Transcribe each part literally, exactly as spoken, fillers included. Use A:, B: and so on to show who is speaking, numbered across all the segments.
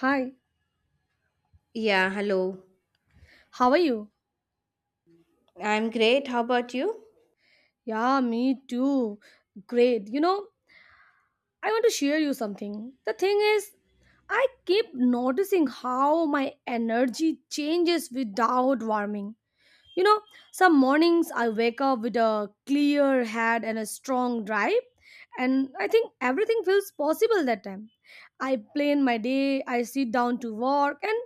A: Hi,
B: Yeah, hello.
A: how are you?
B: I'm great. How about you?
A: Yeah, me too. Great. You know, I want to share you something. The thing is, I keep noticing how my energy changes without warming. You know, some mornings I wake up with a clear head and a strong drive, and I think everything feels possible that time. I plan my day, I sit down to work, and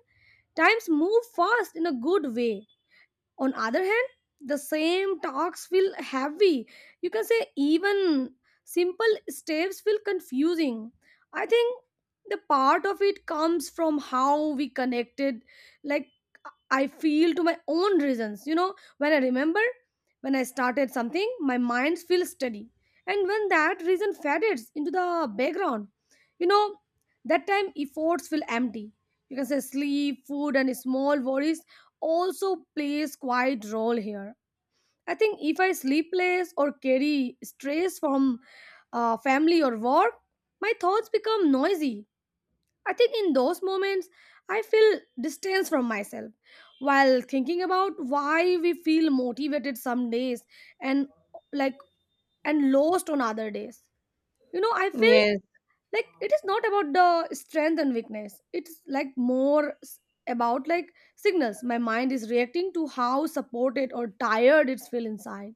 A: times move fast in a good way on other hand the same talks feel heavy, you can say. Even simple steps feel confusing. I think the part of it comes from how we connected, like I feel to my own reasons. You know, when I remember when I started something, my mind feels steady. And when that reason fades into the background, you know, that time efforts feel empty. You can say sleep, food, and small worries also plays quite role here. I think if I sleep less or carry stress from uh, family or work, my thoughts become noisy. I think in those moments, I feel distance from myself while thinking about why we feel motivated some days and like and lost on other days. You know, I feel
B: Yes,
A: like it is not about the strength and weakness. It's like more s- about like signals my mind is reacting to how supported or tired it's feel inside.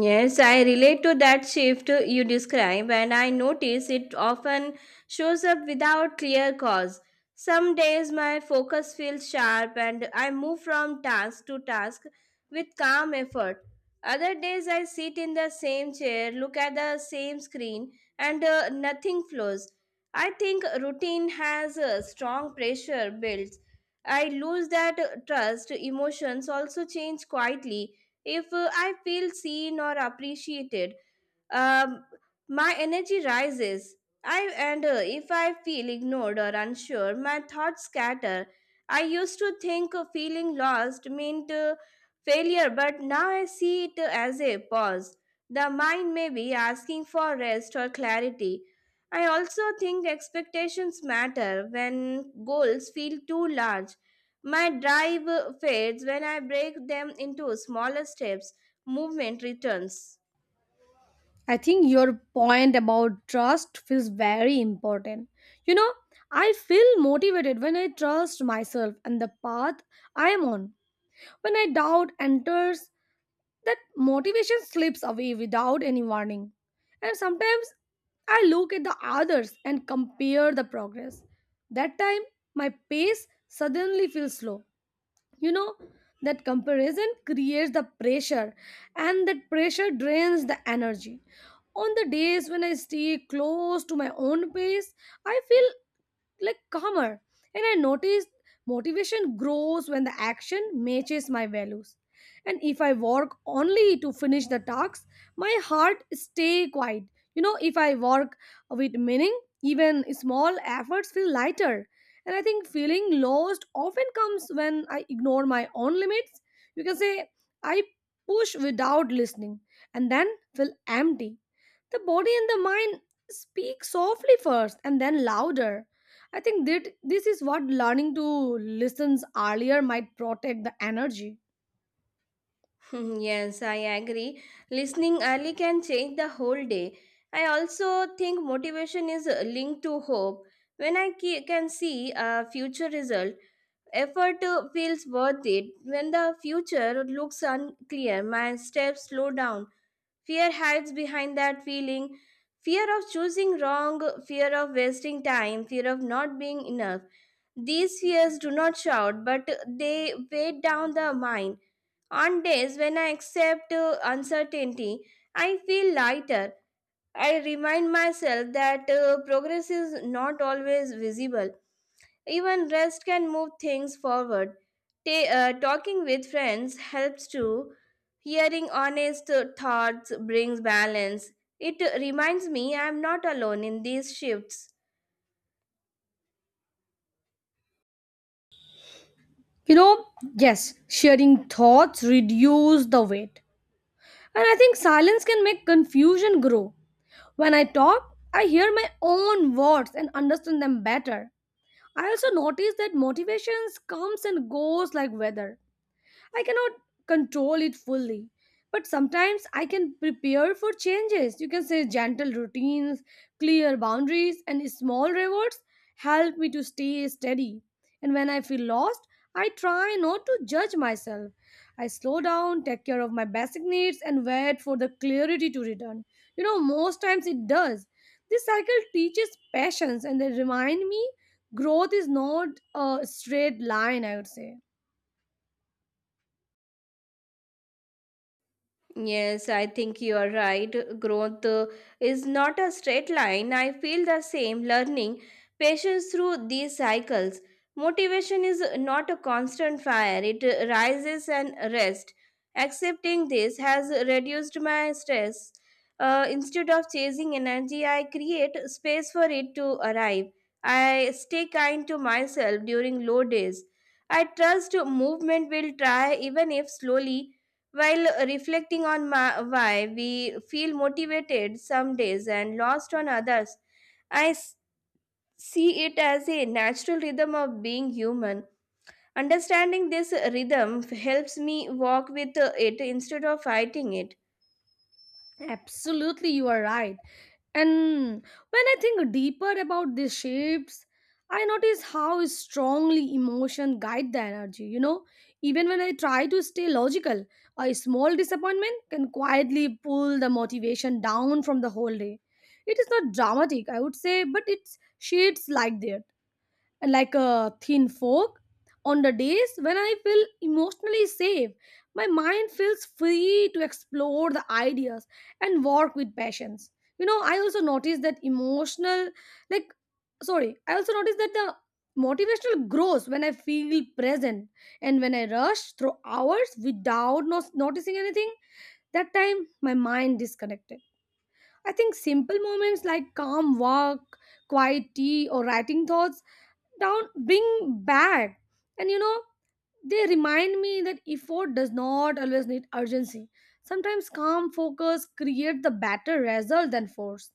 B: Yes, I relate to that shift you describe, and I notice it often shows up without clear cause. Some days my focus feels sharp and I move from task to task with calm effort. Other days I sit in the same chair, look at the same screen, and uh, nothing flows. I think routine has a strong pressure built. I lose that uh, trust. Emotions also change quietly if uh, I feel seen or appreciated. Um, my energy rises. I and uh, if I feel ignored or unsure, my thoughts scatter. I used to think uh, feeling lost meant uh, failure, but now I see it as a pause. The mind may be asking for rest or clarity. I also think expectations matter when goals feel too large. My drive uh, fades when I break them into smaller steps. Movement returns.
A: I think your point about trust feels very important. You know, I feel motivated when I trust myself and the path I am on. When I doubt enters, that motivation slips away without any warning. And sometimes I look at the others and compare the progress. That time, my pace suddenly feels slow, you know, that comparison creates the pressure and that pressure drains the energy. On the days when I stay close to my own pace I feel like calmer, and I noticed motivation grows when the action matches my values. And if I work only to finish the tasks my heart stay quiet. You know, if I work with meaning, even small efforts feel lighter. And I think feeling lost often comes when I ignore my own limits. You can say I push without listening, and then feel empty. The body and the mind speak softly first and then louder. I think that this is what learning to listen earlier might protect the energy.
B: Yes, I agree. Listening early can change the whole day. I also think motivation is uh, linked to hope. When I ke- can see a future result, effort uh, feels worth it. When the future looks unclear, my steps slow down. Fear hides behind that feeling. Fear of choosing wrong, fear of wasting time, fear of not being enough. These fears do not shout, but they weigh down the mind on days when I accept uh, uncertainty, I feel lighter. I remind myself that uh, progress is not always visible. Even rest can move things forward. Ta- uh, talking with friends helps too. Hearing honest uh, thoughts brings balance. It reminds me I am not alone in these shifts.
A: You know, yes, sharing thoughts reduce the weight. And I think silence can make confusion grow. When I talk, I hear my own words and understand them better. I also notice that motivations comes and goes like weather. I cannot control it fully. But sometimes I can prepare for changes. You can say gentle routines, clear boundaries, and small rewards help me to stay steady. And when I feel lost, I try not to judge myself. I slow down, take care of my basic needs, and wait for the clarity to return. You know, most times it does. This cycle teaches patience and they remind me growth is not a straight line, I would say.
B: Yes, I think you are right. Growth uh, is not a straight line. I feel the same learning patience through these cycles. Motivation is not a constant fire, it uh, rises and rests. Accepting this has reduced my stress. Uh, instead of chasing energy, I create space for it to arrive. I stay kind to myself during low days. I trust movement will try even if slowly while reflecting on ma- why we feel motivated some days and lost on others, I s- see it as a natural rhythm of being human. Understanding this rhythm helps me walk with it instead of fighting it.
A: Absolutely, you are right. And when I think deeper about these shapes, I notice how strongly emotion guide the energy. You know, even when I try to stay logical, a small disappointment can quietly pull the motivation down from the whole day. It is not dramatic, I would say, but it's shades like there like a thin fork. On the days when I feel emotionally safe, my mind feels free to explore the ideas and work with passions. You know, I also notice that emotional, like, sorry, I also notice that the motivational grows when I feel present and when I rush through hours without not- noticing anything. That time, my mind disconnected. I think simple moments like calm walk, quiet tea, or writing thoughts down bring back. And you know they remind me that effort does not always need urgency. Sometimes calm focus create the better result than force.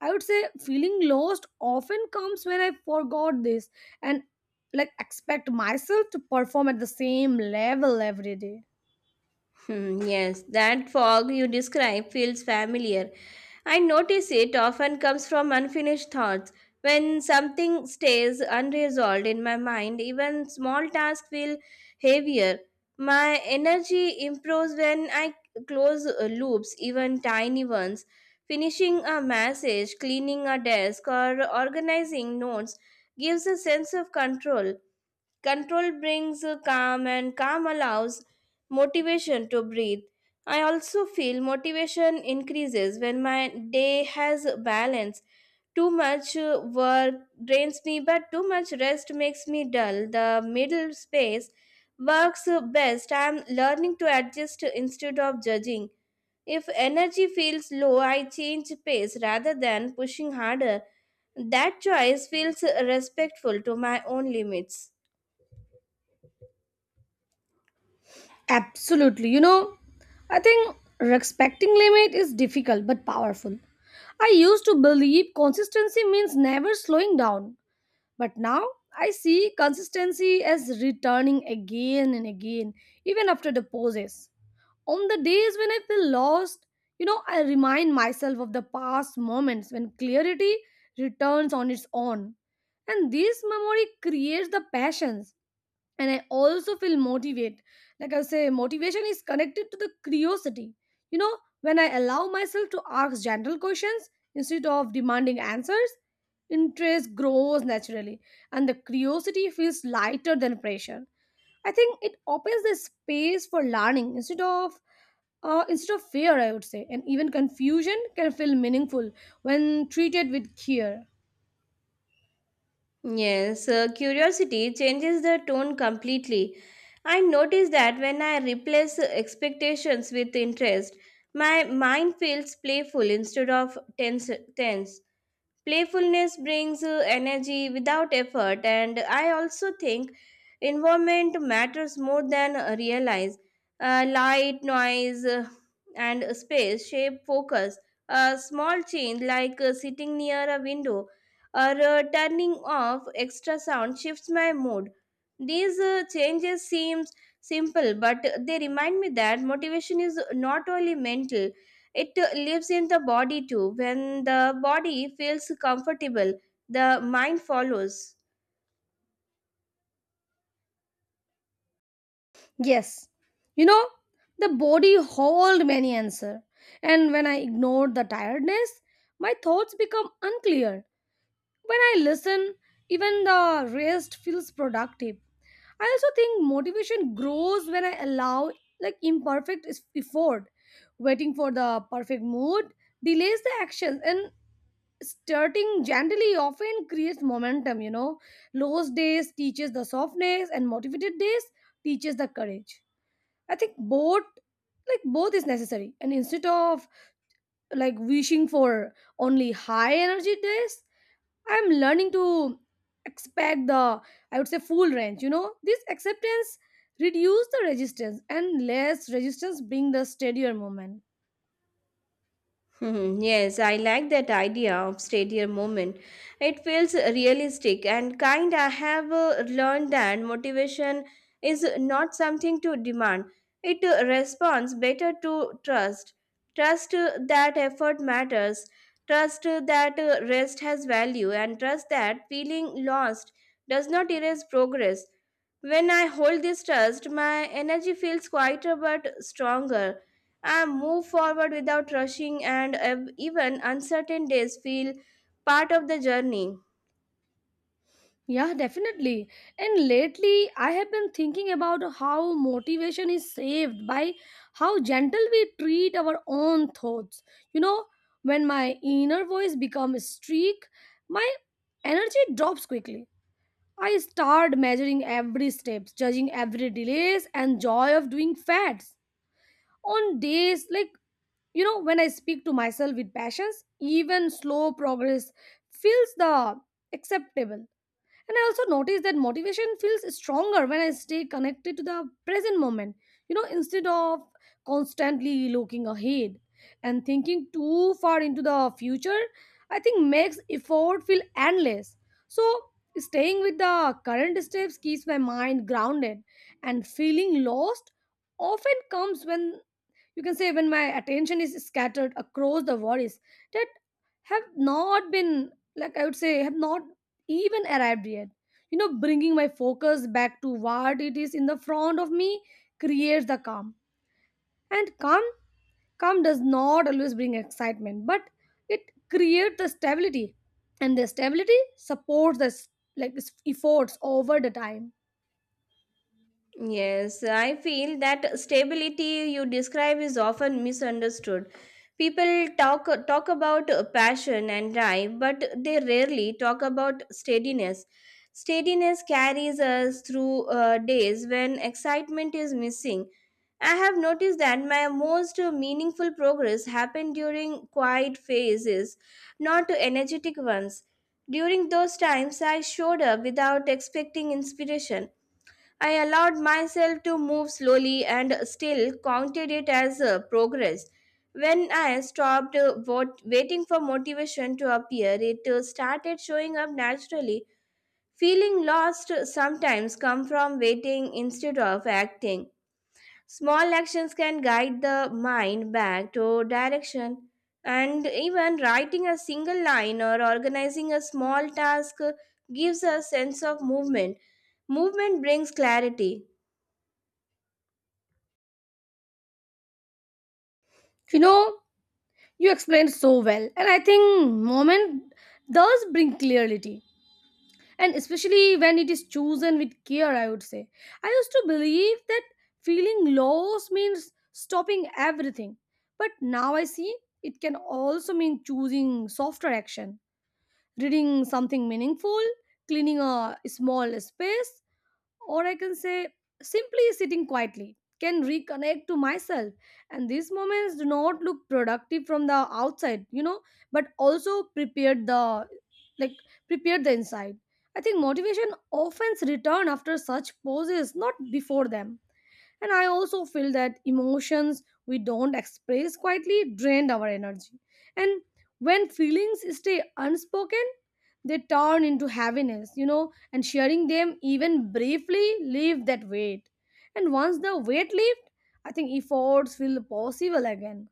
A: I would say feeling lost often comes when I forgot this, and like expect myself to perform at the same level every day.
B: Hmm, yes, that fog you describe feels familiar. I notice it often comes from unfinished thoughts. When something stays unresolved in my mind, even small tasks feel heavier. My energy improves when I close uh, loops, even tiny ones. Finishing a message, cleaning a desk, or organizing notes gives a sense of control. Control brings a calm, and calm allows motivation to breathe. I also feel motivation increases when my day has balance. Too much uh, work drains me, but too much rest makes me dull. The middle space works uh, best. I am learning to adjust instead of judging. If energy feels low, I change pace rather than pushing harder. That choice feels respectful to my own limits.
A: Absolutely, you know I think respecting limit is difficult but powerful. I used to believe consistency means never slowing down. But now I see consistency as returning again and again, even after the pauses. On the days when I feel lost, you know, I remind myself of the past moments when clarity returns on its own. And this memory creates the passions, and I also feel motivated. Like I say motivation is connected to the curiosity. you know when I allow myself to ask gentle questions instead of demanding answers, interest grows naturally, and the curiosity feels lighter than pressure. I think it opens the space for learning instead of uh, instead of fear, I would say, and even confusion can feel meaningful when treated with care.
B: Yes, uh, curiosity changes the tone completely. I notice that when I replace expectations with interest, my mind feels playful instead of tense. tense. Playfulness brings uh, energy without effort, and I also think environment matters more than uh, realize. Uh, light, noise, uh, and space shape focus. A small change like uh, sitting near a window or uh, turning off extra sound shifts my mood. These uh, changes seem simple, but they remind me that motivation is not only mental, it uh, lives in the body too. When the body feels comfortable, the mind follows.
A: Yes, you know, the body hold many answer. And when I ignore the tiredness, my thoughts become unclear. When I listen, even the rest feels productive. I also think motivation grows when I allow like imperfect is- effort. Waiting for the perfect mood delays the actions, and starting gently often creates momentum, you know. Lost days teaches the softness and motivated days teaches the courage. I think both, like, both is necessary. And instead of like wishing for only high energy days, I'm learning to expect the, I would say, full range, you know. This acceptance reduce the resistance and less resistance bring the steadier moment.
B: Hmm, yes, I like that idea of stadium moment. It feels realistic and kind. I have uh, learned that motivation is not something to demand. It uh, responds better to trust. Trust uh, that effort matters. Trust uh, that uh, rest has value and trust that feeling lost does not erase progress. When I hold this trust, my energy feels quieter but stronger. I move forward without rushing, and ev- even uncertain days feel part of the journey.
A: Yeah, definitely. And lately, I have been thinking about how motivation is saved by how gentle we treat our own thoughts. You know, when my inner voice becomes streak, my energy drops quickly. I start measuring every step, judging every delays and joy of doing fads. On days like, you know, when I speak to myself with passions, even slow progress feels the acceptable. And I also noticed that motivation feels stronger when I stay connected to the present moment, you know, instead of constantly looking ahead and thinking too far into the future, I think makes effort feel endless. So, staying with the current steps keeps my mind grounded, and feeling lost often comes when, you can say, when my attention is scattered across the worries that have not been, like, I would say have not even arrived yet. You know bringing my focus back to what it is in the front of me creates the calm, and calm calm does not always bring excitement, but it creates the stability, and the stability supports the s- like s- efforts over the time.
B: Yes, I feel that stability you describe is often misunderstood. People talk talk about passion and drive, but they rarely talk about steadiness. Steadiness carries us through uh, days when excitement is missing. I have noticed that my most meaningful progress happened during quiet phases, not energetic ones. During those times, I showed up without expecting inspiration. I allowed myself to move slowly and still counted it as uh, progress. When I stopped uh, wait- waiting for motivation to appear, it uh, started showing up naturally. Feeling lost sometimes come from waiting instead of acting. Small actions can guide the mind back to direction, and even writing a single line or organizing a small task gives a sense of movement. Movement brings clarity.
A: you know you explained so well, and I think moment does bring clarity, and especially when it is chosen with care, I would say. I used to believe that feeling loss means stopping everything, but now I see it can also mean choosing softer action, reading something meaningful, cleaning a small space, or I can say simply sitting quietly, can reconnect to myself. And these moments do not look productive from the outside, you know, but also prepared the, like prepared the inside. I think motivation often return after such pauses, not before them. And I also feel that emotions we don't express quietly drain our energy. And when feelings stay unspoken, they turn into heaviness, you know, and sharing them even briefly leave that weight. And once the weight lifts, I think efforts feel possible again.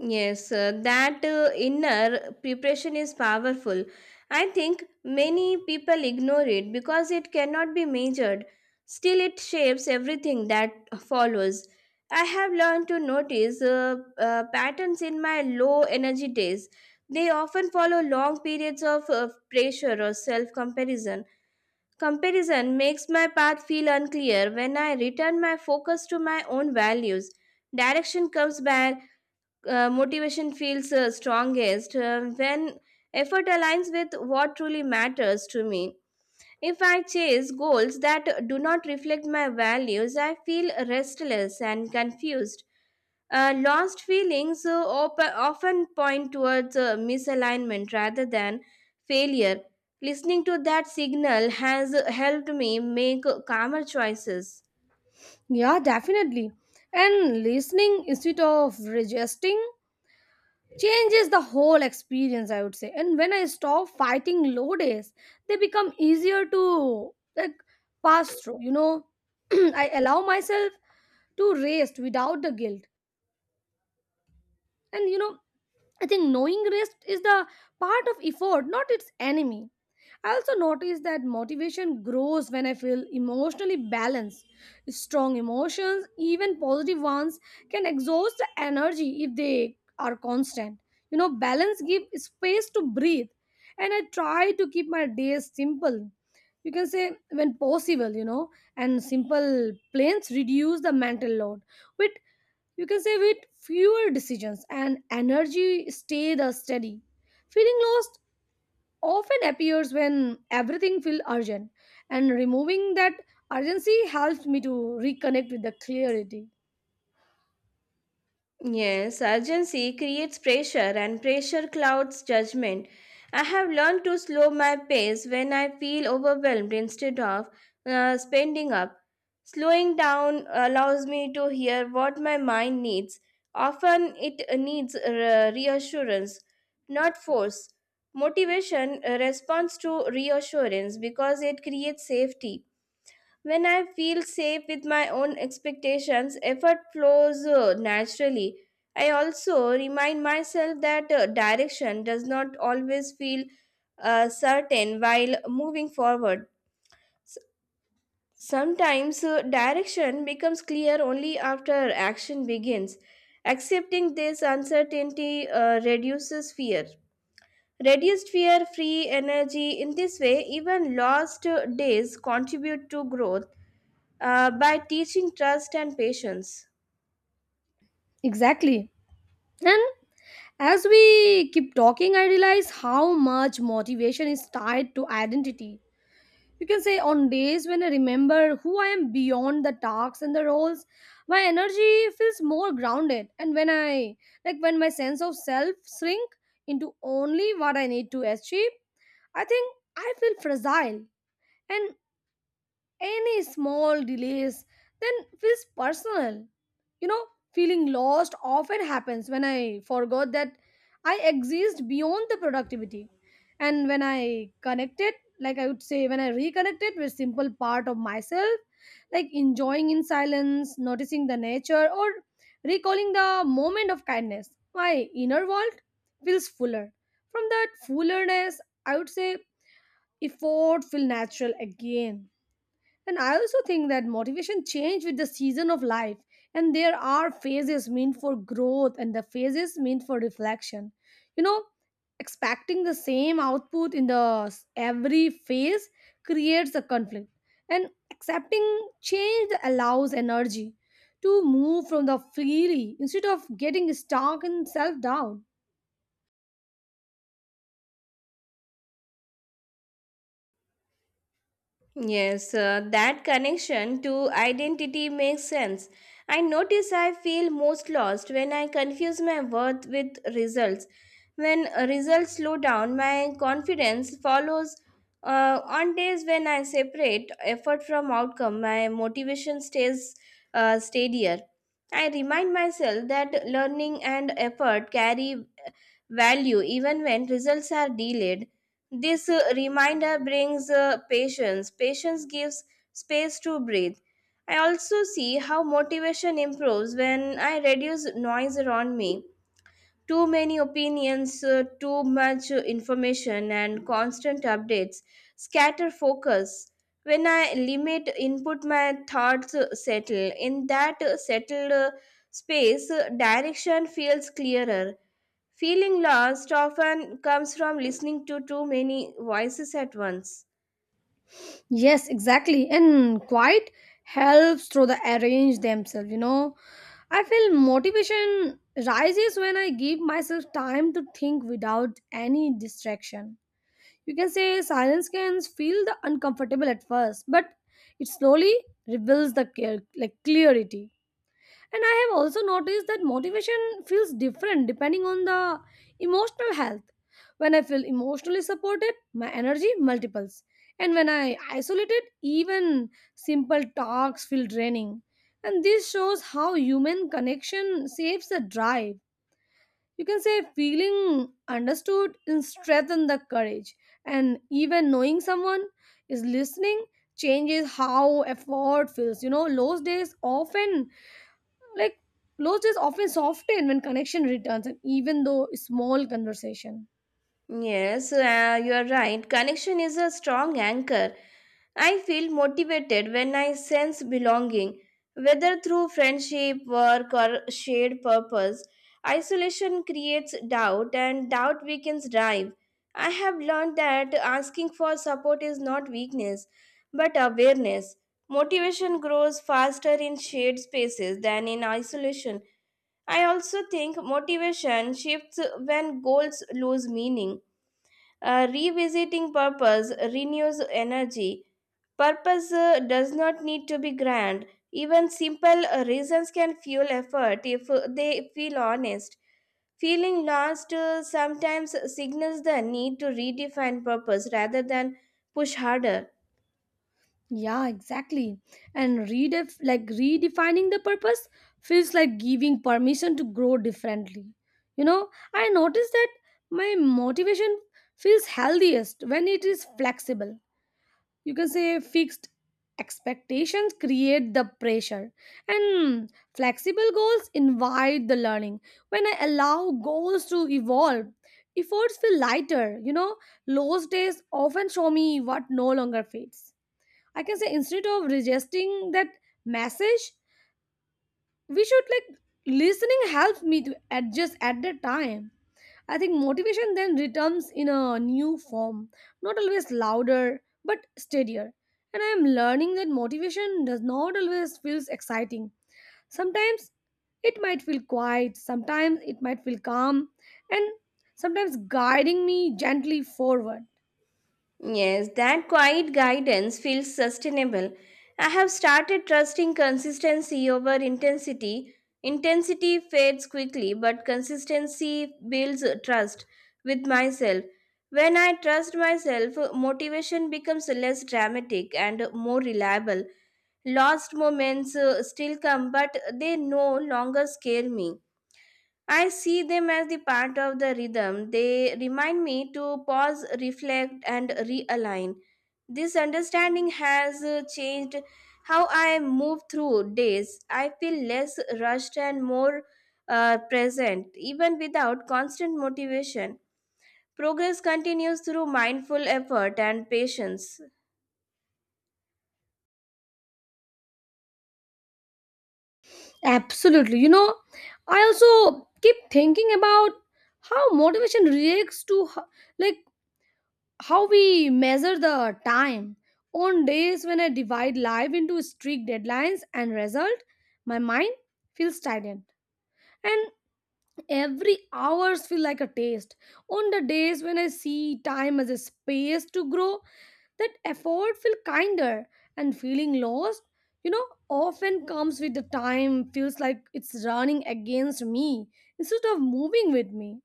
B: Yes, uh, that uh, inner preparation is powerful. I think many people ignore it because it cannot be measured. Still, it shapes everything that follows. I have learned to notice uh, uh, patterns in my low energy days. They often follow long periods of uh, pressure or self comparison. Comparison makes my path feel unclear when I return my focus to my own values. Direction comes back. Uh, motivation feels uh, strongest uh, when effort aligns with what truly matters to me. If I chase goals that do not reflect my values, I feel restless and confused. Uh, lost feelings uh, op- often point towards uh, misalignment rather than failure. Listening to that signal has helped me make calmer choices.
A: Yeah, definitely. And listening instead of resisting changes the whole experience, I would say. And when I stop fighting low days, they become easier to like pass through, you know I allow myself to rest without the guilt. And you know I think knowing rest is the part of effort, not its enemy. I also notice that motivation grows when I feel emotionally balanced. Strong emotions, even positive ones, can exhaust the energy if they are constant. You know, balance gives space to breathe, and I try to keep my days simple. You can say when possible, you know, and simple plans reduce the mental load. With, you can say, with fewer decisions, and energy stay the steady. Feeling lost often appears when everything feels urgent, and removing that urgency helps me to reconnect with the clarity.
B: Yes, urgency creates pressure and pressure clouds judgment. I have learned to slow my pace when I feel overwhelmed instead of uh, spending up. Slowing down allows me to hear what my mind needs. Often it needs uh, reassurance, not force. Motivation uh, responds to reassurance because it creates safety. When I feel safe with my own expectations, effort flows uh, naturally. I also remind myself that uh, direction does not always feel uh, certain while moving forward. S- Sometimes uh, direction becomes clear only after action begins. Accepting this uncertainty uh, reduces fear. Reduced fear, free energy. In this way, even lost uh, days contribute to growth uh, by teaching trust and patience.
A: Exactly. And as we keep talking, I realize how much motivation is tied to identity. You can say on days when I remember who I am beyond the tasks and the roles, my energy feels more grounded. And when I, like, when my sense of self shrink into only what I need to achieve, I think I feel fragile. And any small delays then feels personal you know Feeling lost often happens when I forgot that I exist beyond the productivity, and when I connected, like I would say, when I reconnected with simple part of myself, like enjoying in silence, noticing the nature, or recalling the moment of kindness, my inner world feels fuller. From that fullerness, I would say effort feel natural again. And I also think that motivation change with the season of life. And there are phases meant for growth and the phases meant for reflection. You know, expecting the same output in the s- every phase creates a conflict. And accepting change allows energy to move from the freely instead of getting stuck in self-doubt.
B: Yes, uh, that connection to identity makes sense. I notice I feel most lost when I confuse my worth with results. When uh, results slow down, my confidence follows. Uh, on days when I separate effort from outcome, my motivation stays uh, steadier. I remind myself that learning and effort carry value even when results are delayed. This uh, reminder brings uh, patience. Patience gives space to breathe. I also see how motivation improves when I reduce noise around me. Too many opinions, uh, too much uh, information, and constant updates scatter focus. When I limit input, my thoughts uh, settle. In that uh, settled uh, space, uh, direction feels clearer. Feeling lost often comes from listening to too many voices at once.
A: Yes, exactly. And quiet helps through the arrange themselves, you know. I feel motivation rises when I give myself time to think without any distraction. You can say silence can feel the uncomfortable at first, but it slowly reveals the clear, like clarity. And I have also noticed that motivation feels different depending on the emotional health. When I feel emotionally supported, my energy multiples. And when I isolate it, even simple talks feel draining. And this shows how human connection saves the drive. You can say feeling understood and strengthen the courage. And even knowing someone is listening changes how effort feels. You know, those days often, like, close is often soften when connection returns, and even though small conversation.
B: Yes, uh, you are right. Connection is a strong anchor. I feel motivated when I sense belonging, whether through friendship, work, or shared purpose. Isolation creates doubt, and doubt weakens drive. I have learned that asking for support is not weakness, but awareness. Motivation grows faster in shared spaces than in isolation. I also think motivation shifts when goals lose meaning. Uh, revisiting purpose renews energy. Purpose uh, does not need to be grand. Even simple uh, reasons can fuel effort if uh, they feel honest. Feeling lost uh, sometimes signals the need to redefine purpose rather than push harder.
A: Yeah, exactly. And redef like redefining the purpose feels like giving permission to grow differently. You know, I notice that my motivation feels healthiest when it is flexible. You can say fixed expectations create the pressure, and flexible goals invite the learning. When I allow goals to evolve, efforts feel lighter you know Lost days often show me what no longer fits. I can say, instead of resisting that message, we should, like, listening helps me to adjust at the time. I think motivation then returns in a new form, not always louder, but steadier. And I am learning that motivation does not always feel exciting. Sometimes it might feel quiet, sometimes it might feel calm, and sometimes guiding me gently forward.
B: Yes, that quiet guidance feels sustainable. I have started trusting consistency over intensity. Intensity fades quickly, but consistency builds trust with myself. When I trust myself, motivation becomes less dramatic and more reliable. Lost moments uh, still come, but they no longer scare me. I see them as the part of the rhythm. They remind me to pause, reflect, and realign. This understanding has uh, changed how I move through days. I feel less rushed and more uh, present, even without constant motivation. Progress continues through mindful effort and patience.
A: Absolutely. You know, I also keep thinking about how motivation reacts to h- like how we measure the time. On days when I divide life into strict deadlines and result, my mind feels stagnant. And every hours feel like a taste. On the days when I see time as a space to grow, that effort feel kinder, and feeling lost, you know, often comes with the time, feels like it's running against me instead of moving with me.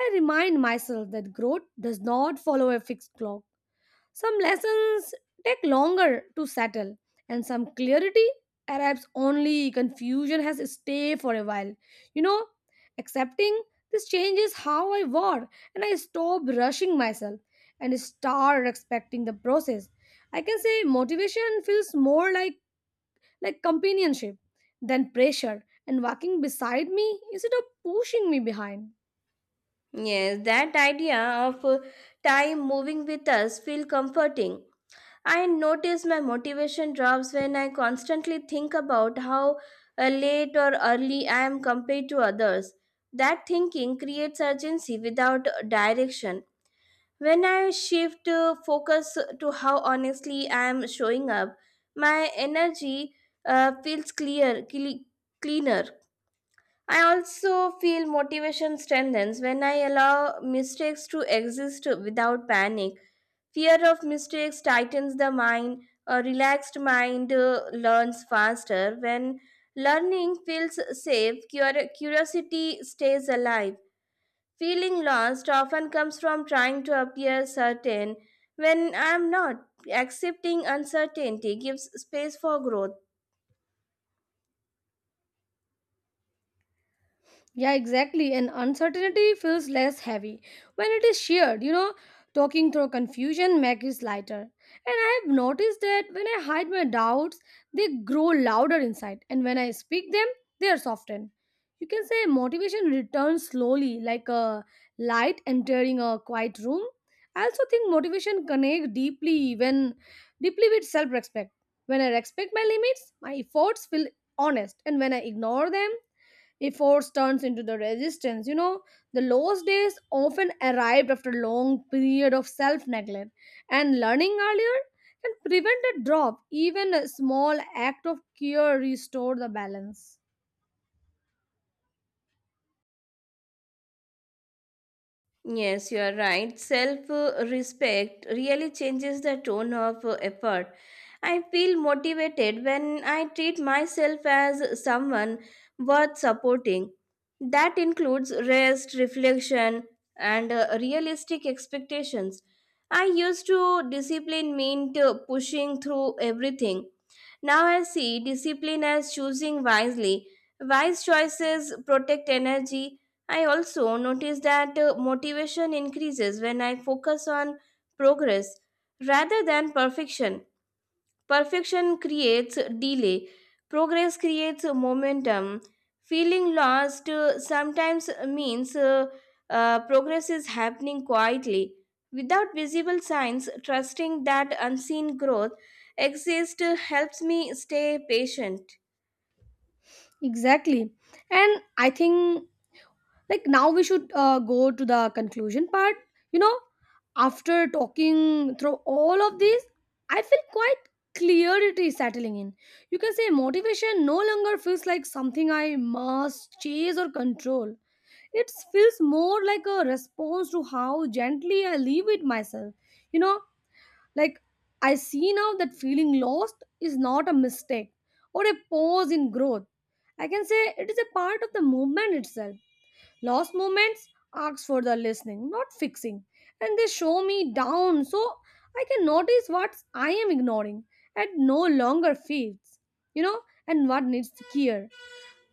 A: I remind myself that growth does not follow a fixed clock. Some lessons take longer to settle, and some clarity arrives only confusion has stay for a while. You know, accepting this change is how I war, and I stop rushing myself and start respecting the process. I can say motivation feels more like like companionship than pressure, and walking beside me instead of pushing me behind.
B: Yes, that idea of uh, time moving with us feels comforting. I notice my motivation drops when I constantly think about how uh, late or early I am compared to others. That thinking creates urgency without direction. When I shift uh, focus to how honestly I am showing up, my energy uh, feels clear, cle- cleaner. I also feel motivation strengthens when I allow mistakes to exist without panic. Fear of mistakes tightens the mind. A relaxed mind uh, learns faster. When learning feels safe, cur- curiosity stays alive. Feeling lost often comes from trying to appear certain when I am not. Accepting uncertainty gives space for growth.
A: Yeah, exactly. And uncertainty feels less heavy when it is shared. You know, talking through confusion makes it lighter. And I have noticed that when I hide my doubts, they grow louder inside. And when I speak them, they are softened. You can say motivation returns slowly, like a light entering a quiet room. I also think motivation connects deeply when deeply with self-respect. When I respect my limits, my efforts feel honest. And when I ignore them, if force turns into the resistance you know The lost days often arrived after long period of self neglect, and learning earlier can prevent a drop. Even a small act of care restore the balance.
B: Yes, you are right. Self uh, respect really changes the tone of uh, effort. I feel motivated when I treat myself as someone worth supporting. That includes rest, reflection, and uh, realistic expectations. I used to discipline meant uh, pushing through everything. Now I see discipline as choosing wisely. Wise choices protect energy. I also notice that uh, motivation increases when I focus on progress rather than perfection. Perfection creates delay, progress creates momentum. Feeling lost uh, sometimes means uh, uh, progress is happening quietly. Without visible signs, trusting that unseen growth exists uh, helps me stay patient.
A: Exactly. And I think, like, now we should uh, go to the conclusion part you know After talking through all of this, I feel quite clarity settling in. You can say motivation no longer feels like something I must chase or control. It feels more like a response to how gently I live with myself you know like I see now that feeling lost is not a mistake or a pause in growth. I can say it is a part of the movement itself. Lost movements ask for the listening, not fixing, and they show me down so I can notice what I am ignoring and no longer feeds, you know, and what needs care.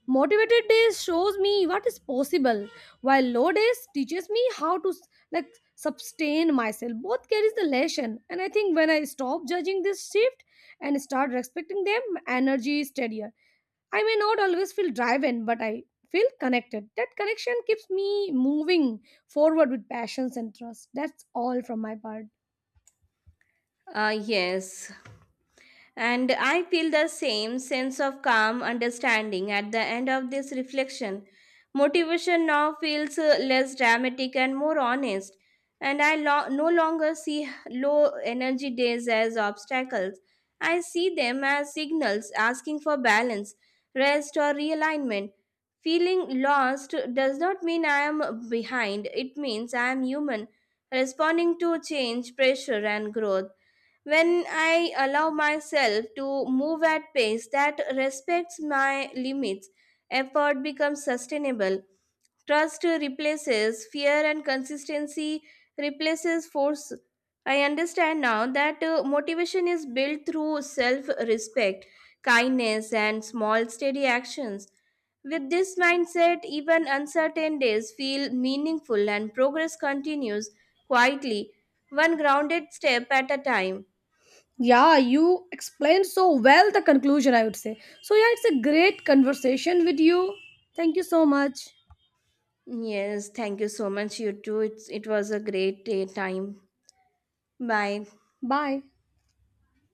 A: Motivated days shows me what is possible, while low days teaches me how to, like, sustain myself. Both carries the lesson, and I think when I stop judging this shift and start respecting them, energy is steadier. I may not always feel driven, but I feel connected. That connection keeps me moving forward with passions and trust. That's all from my part.
B: Ah, yes. And I feel the same sense of calm understanding at the end of this reflection. Motivation now feels uh, less dramatic and more honest, and I lo- no longer see low energy days as obstacles. I see them as signals asking for balance, rest, or realignment. Feeling lost does not mean I am behind, it means I am human, responding to change, pressure, and growth. When I allow myself to move at pace that respects my limits, effort becomes sustainable. Trust replaces fear and consistency replaces force. I understand now that uh, motivation is built through self respect, kindness, and small, steady actions. With this mindset, even uncertain days feel meaningful and progress continues quietly, one grounded step at a time.
A: Yeah, you explained so well the conclusion, I would say. So, yeah, it's a great conversation with you. Thank you so much.
B: Yes, thank you so much. You too. It's, it was a great day time. Bye.
A: Bye.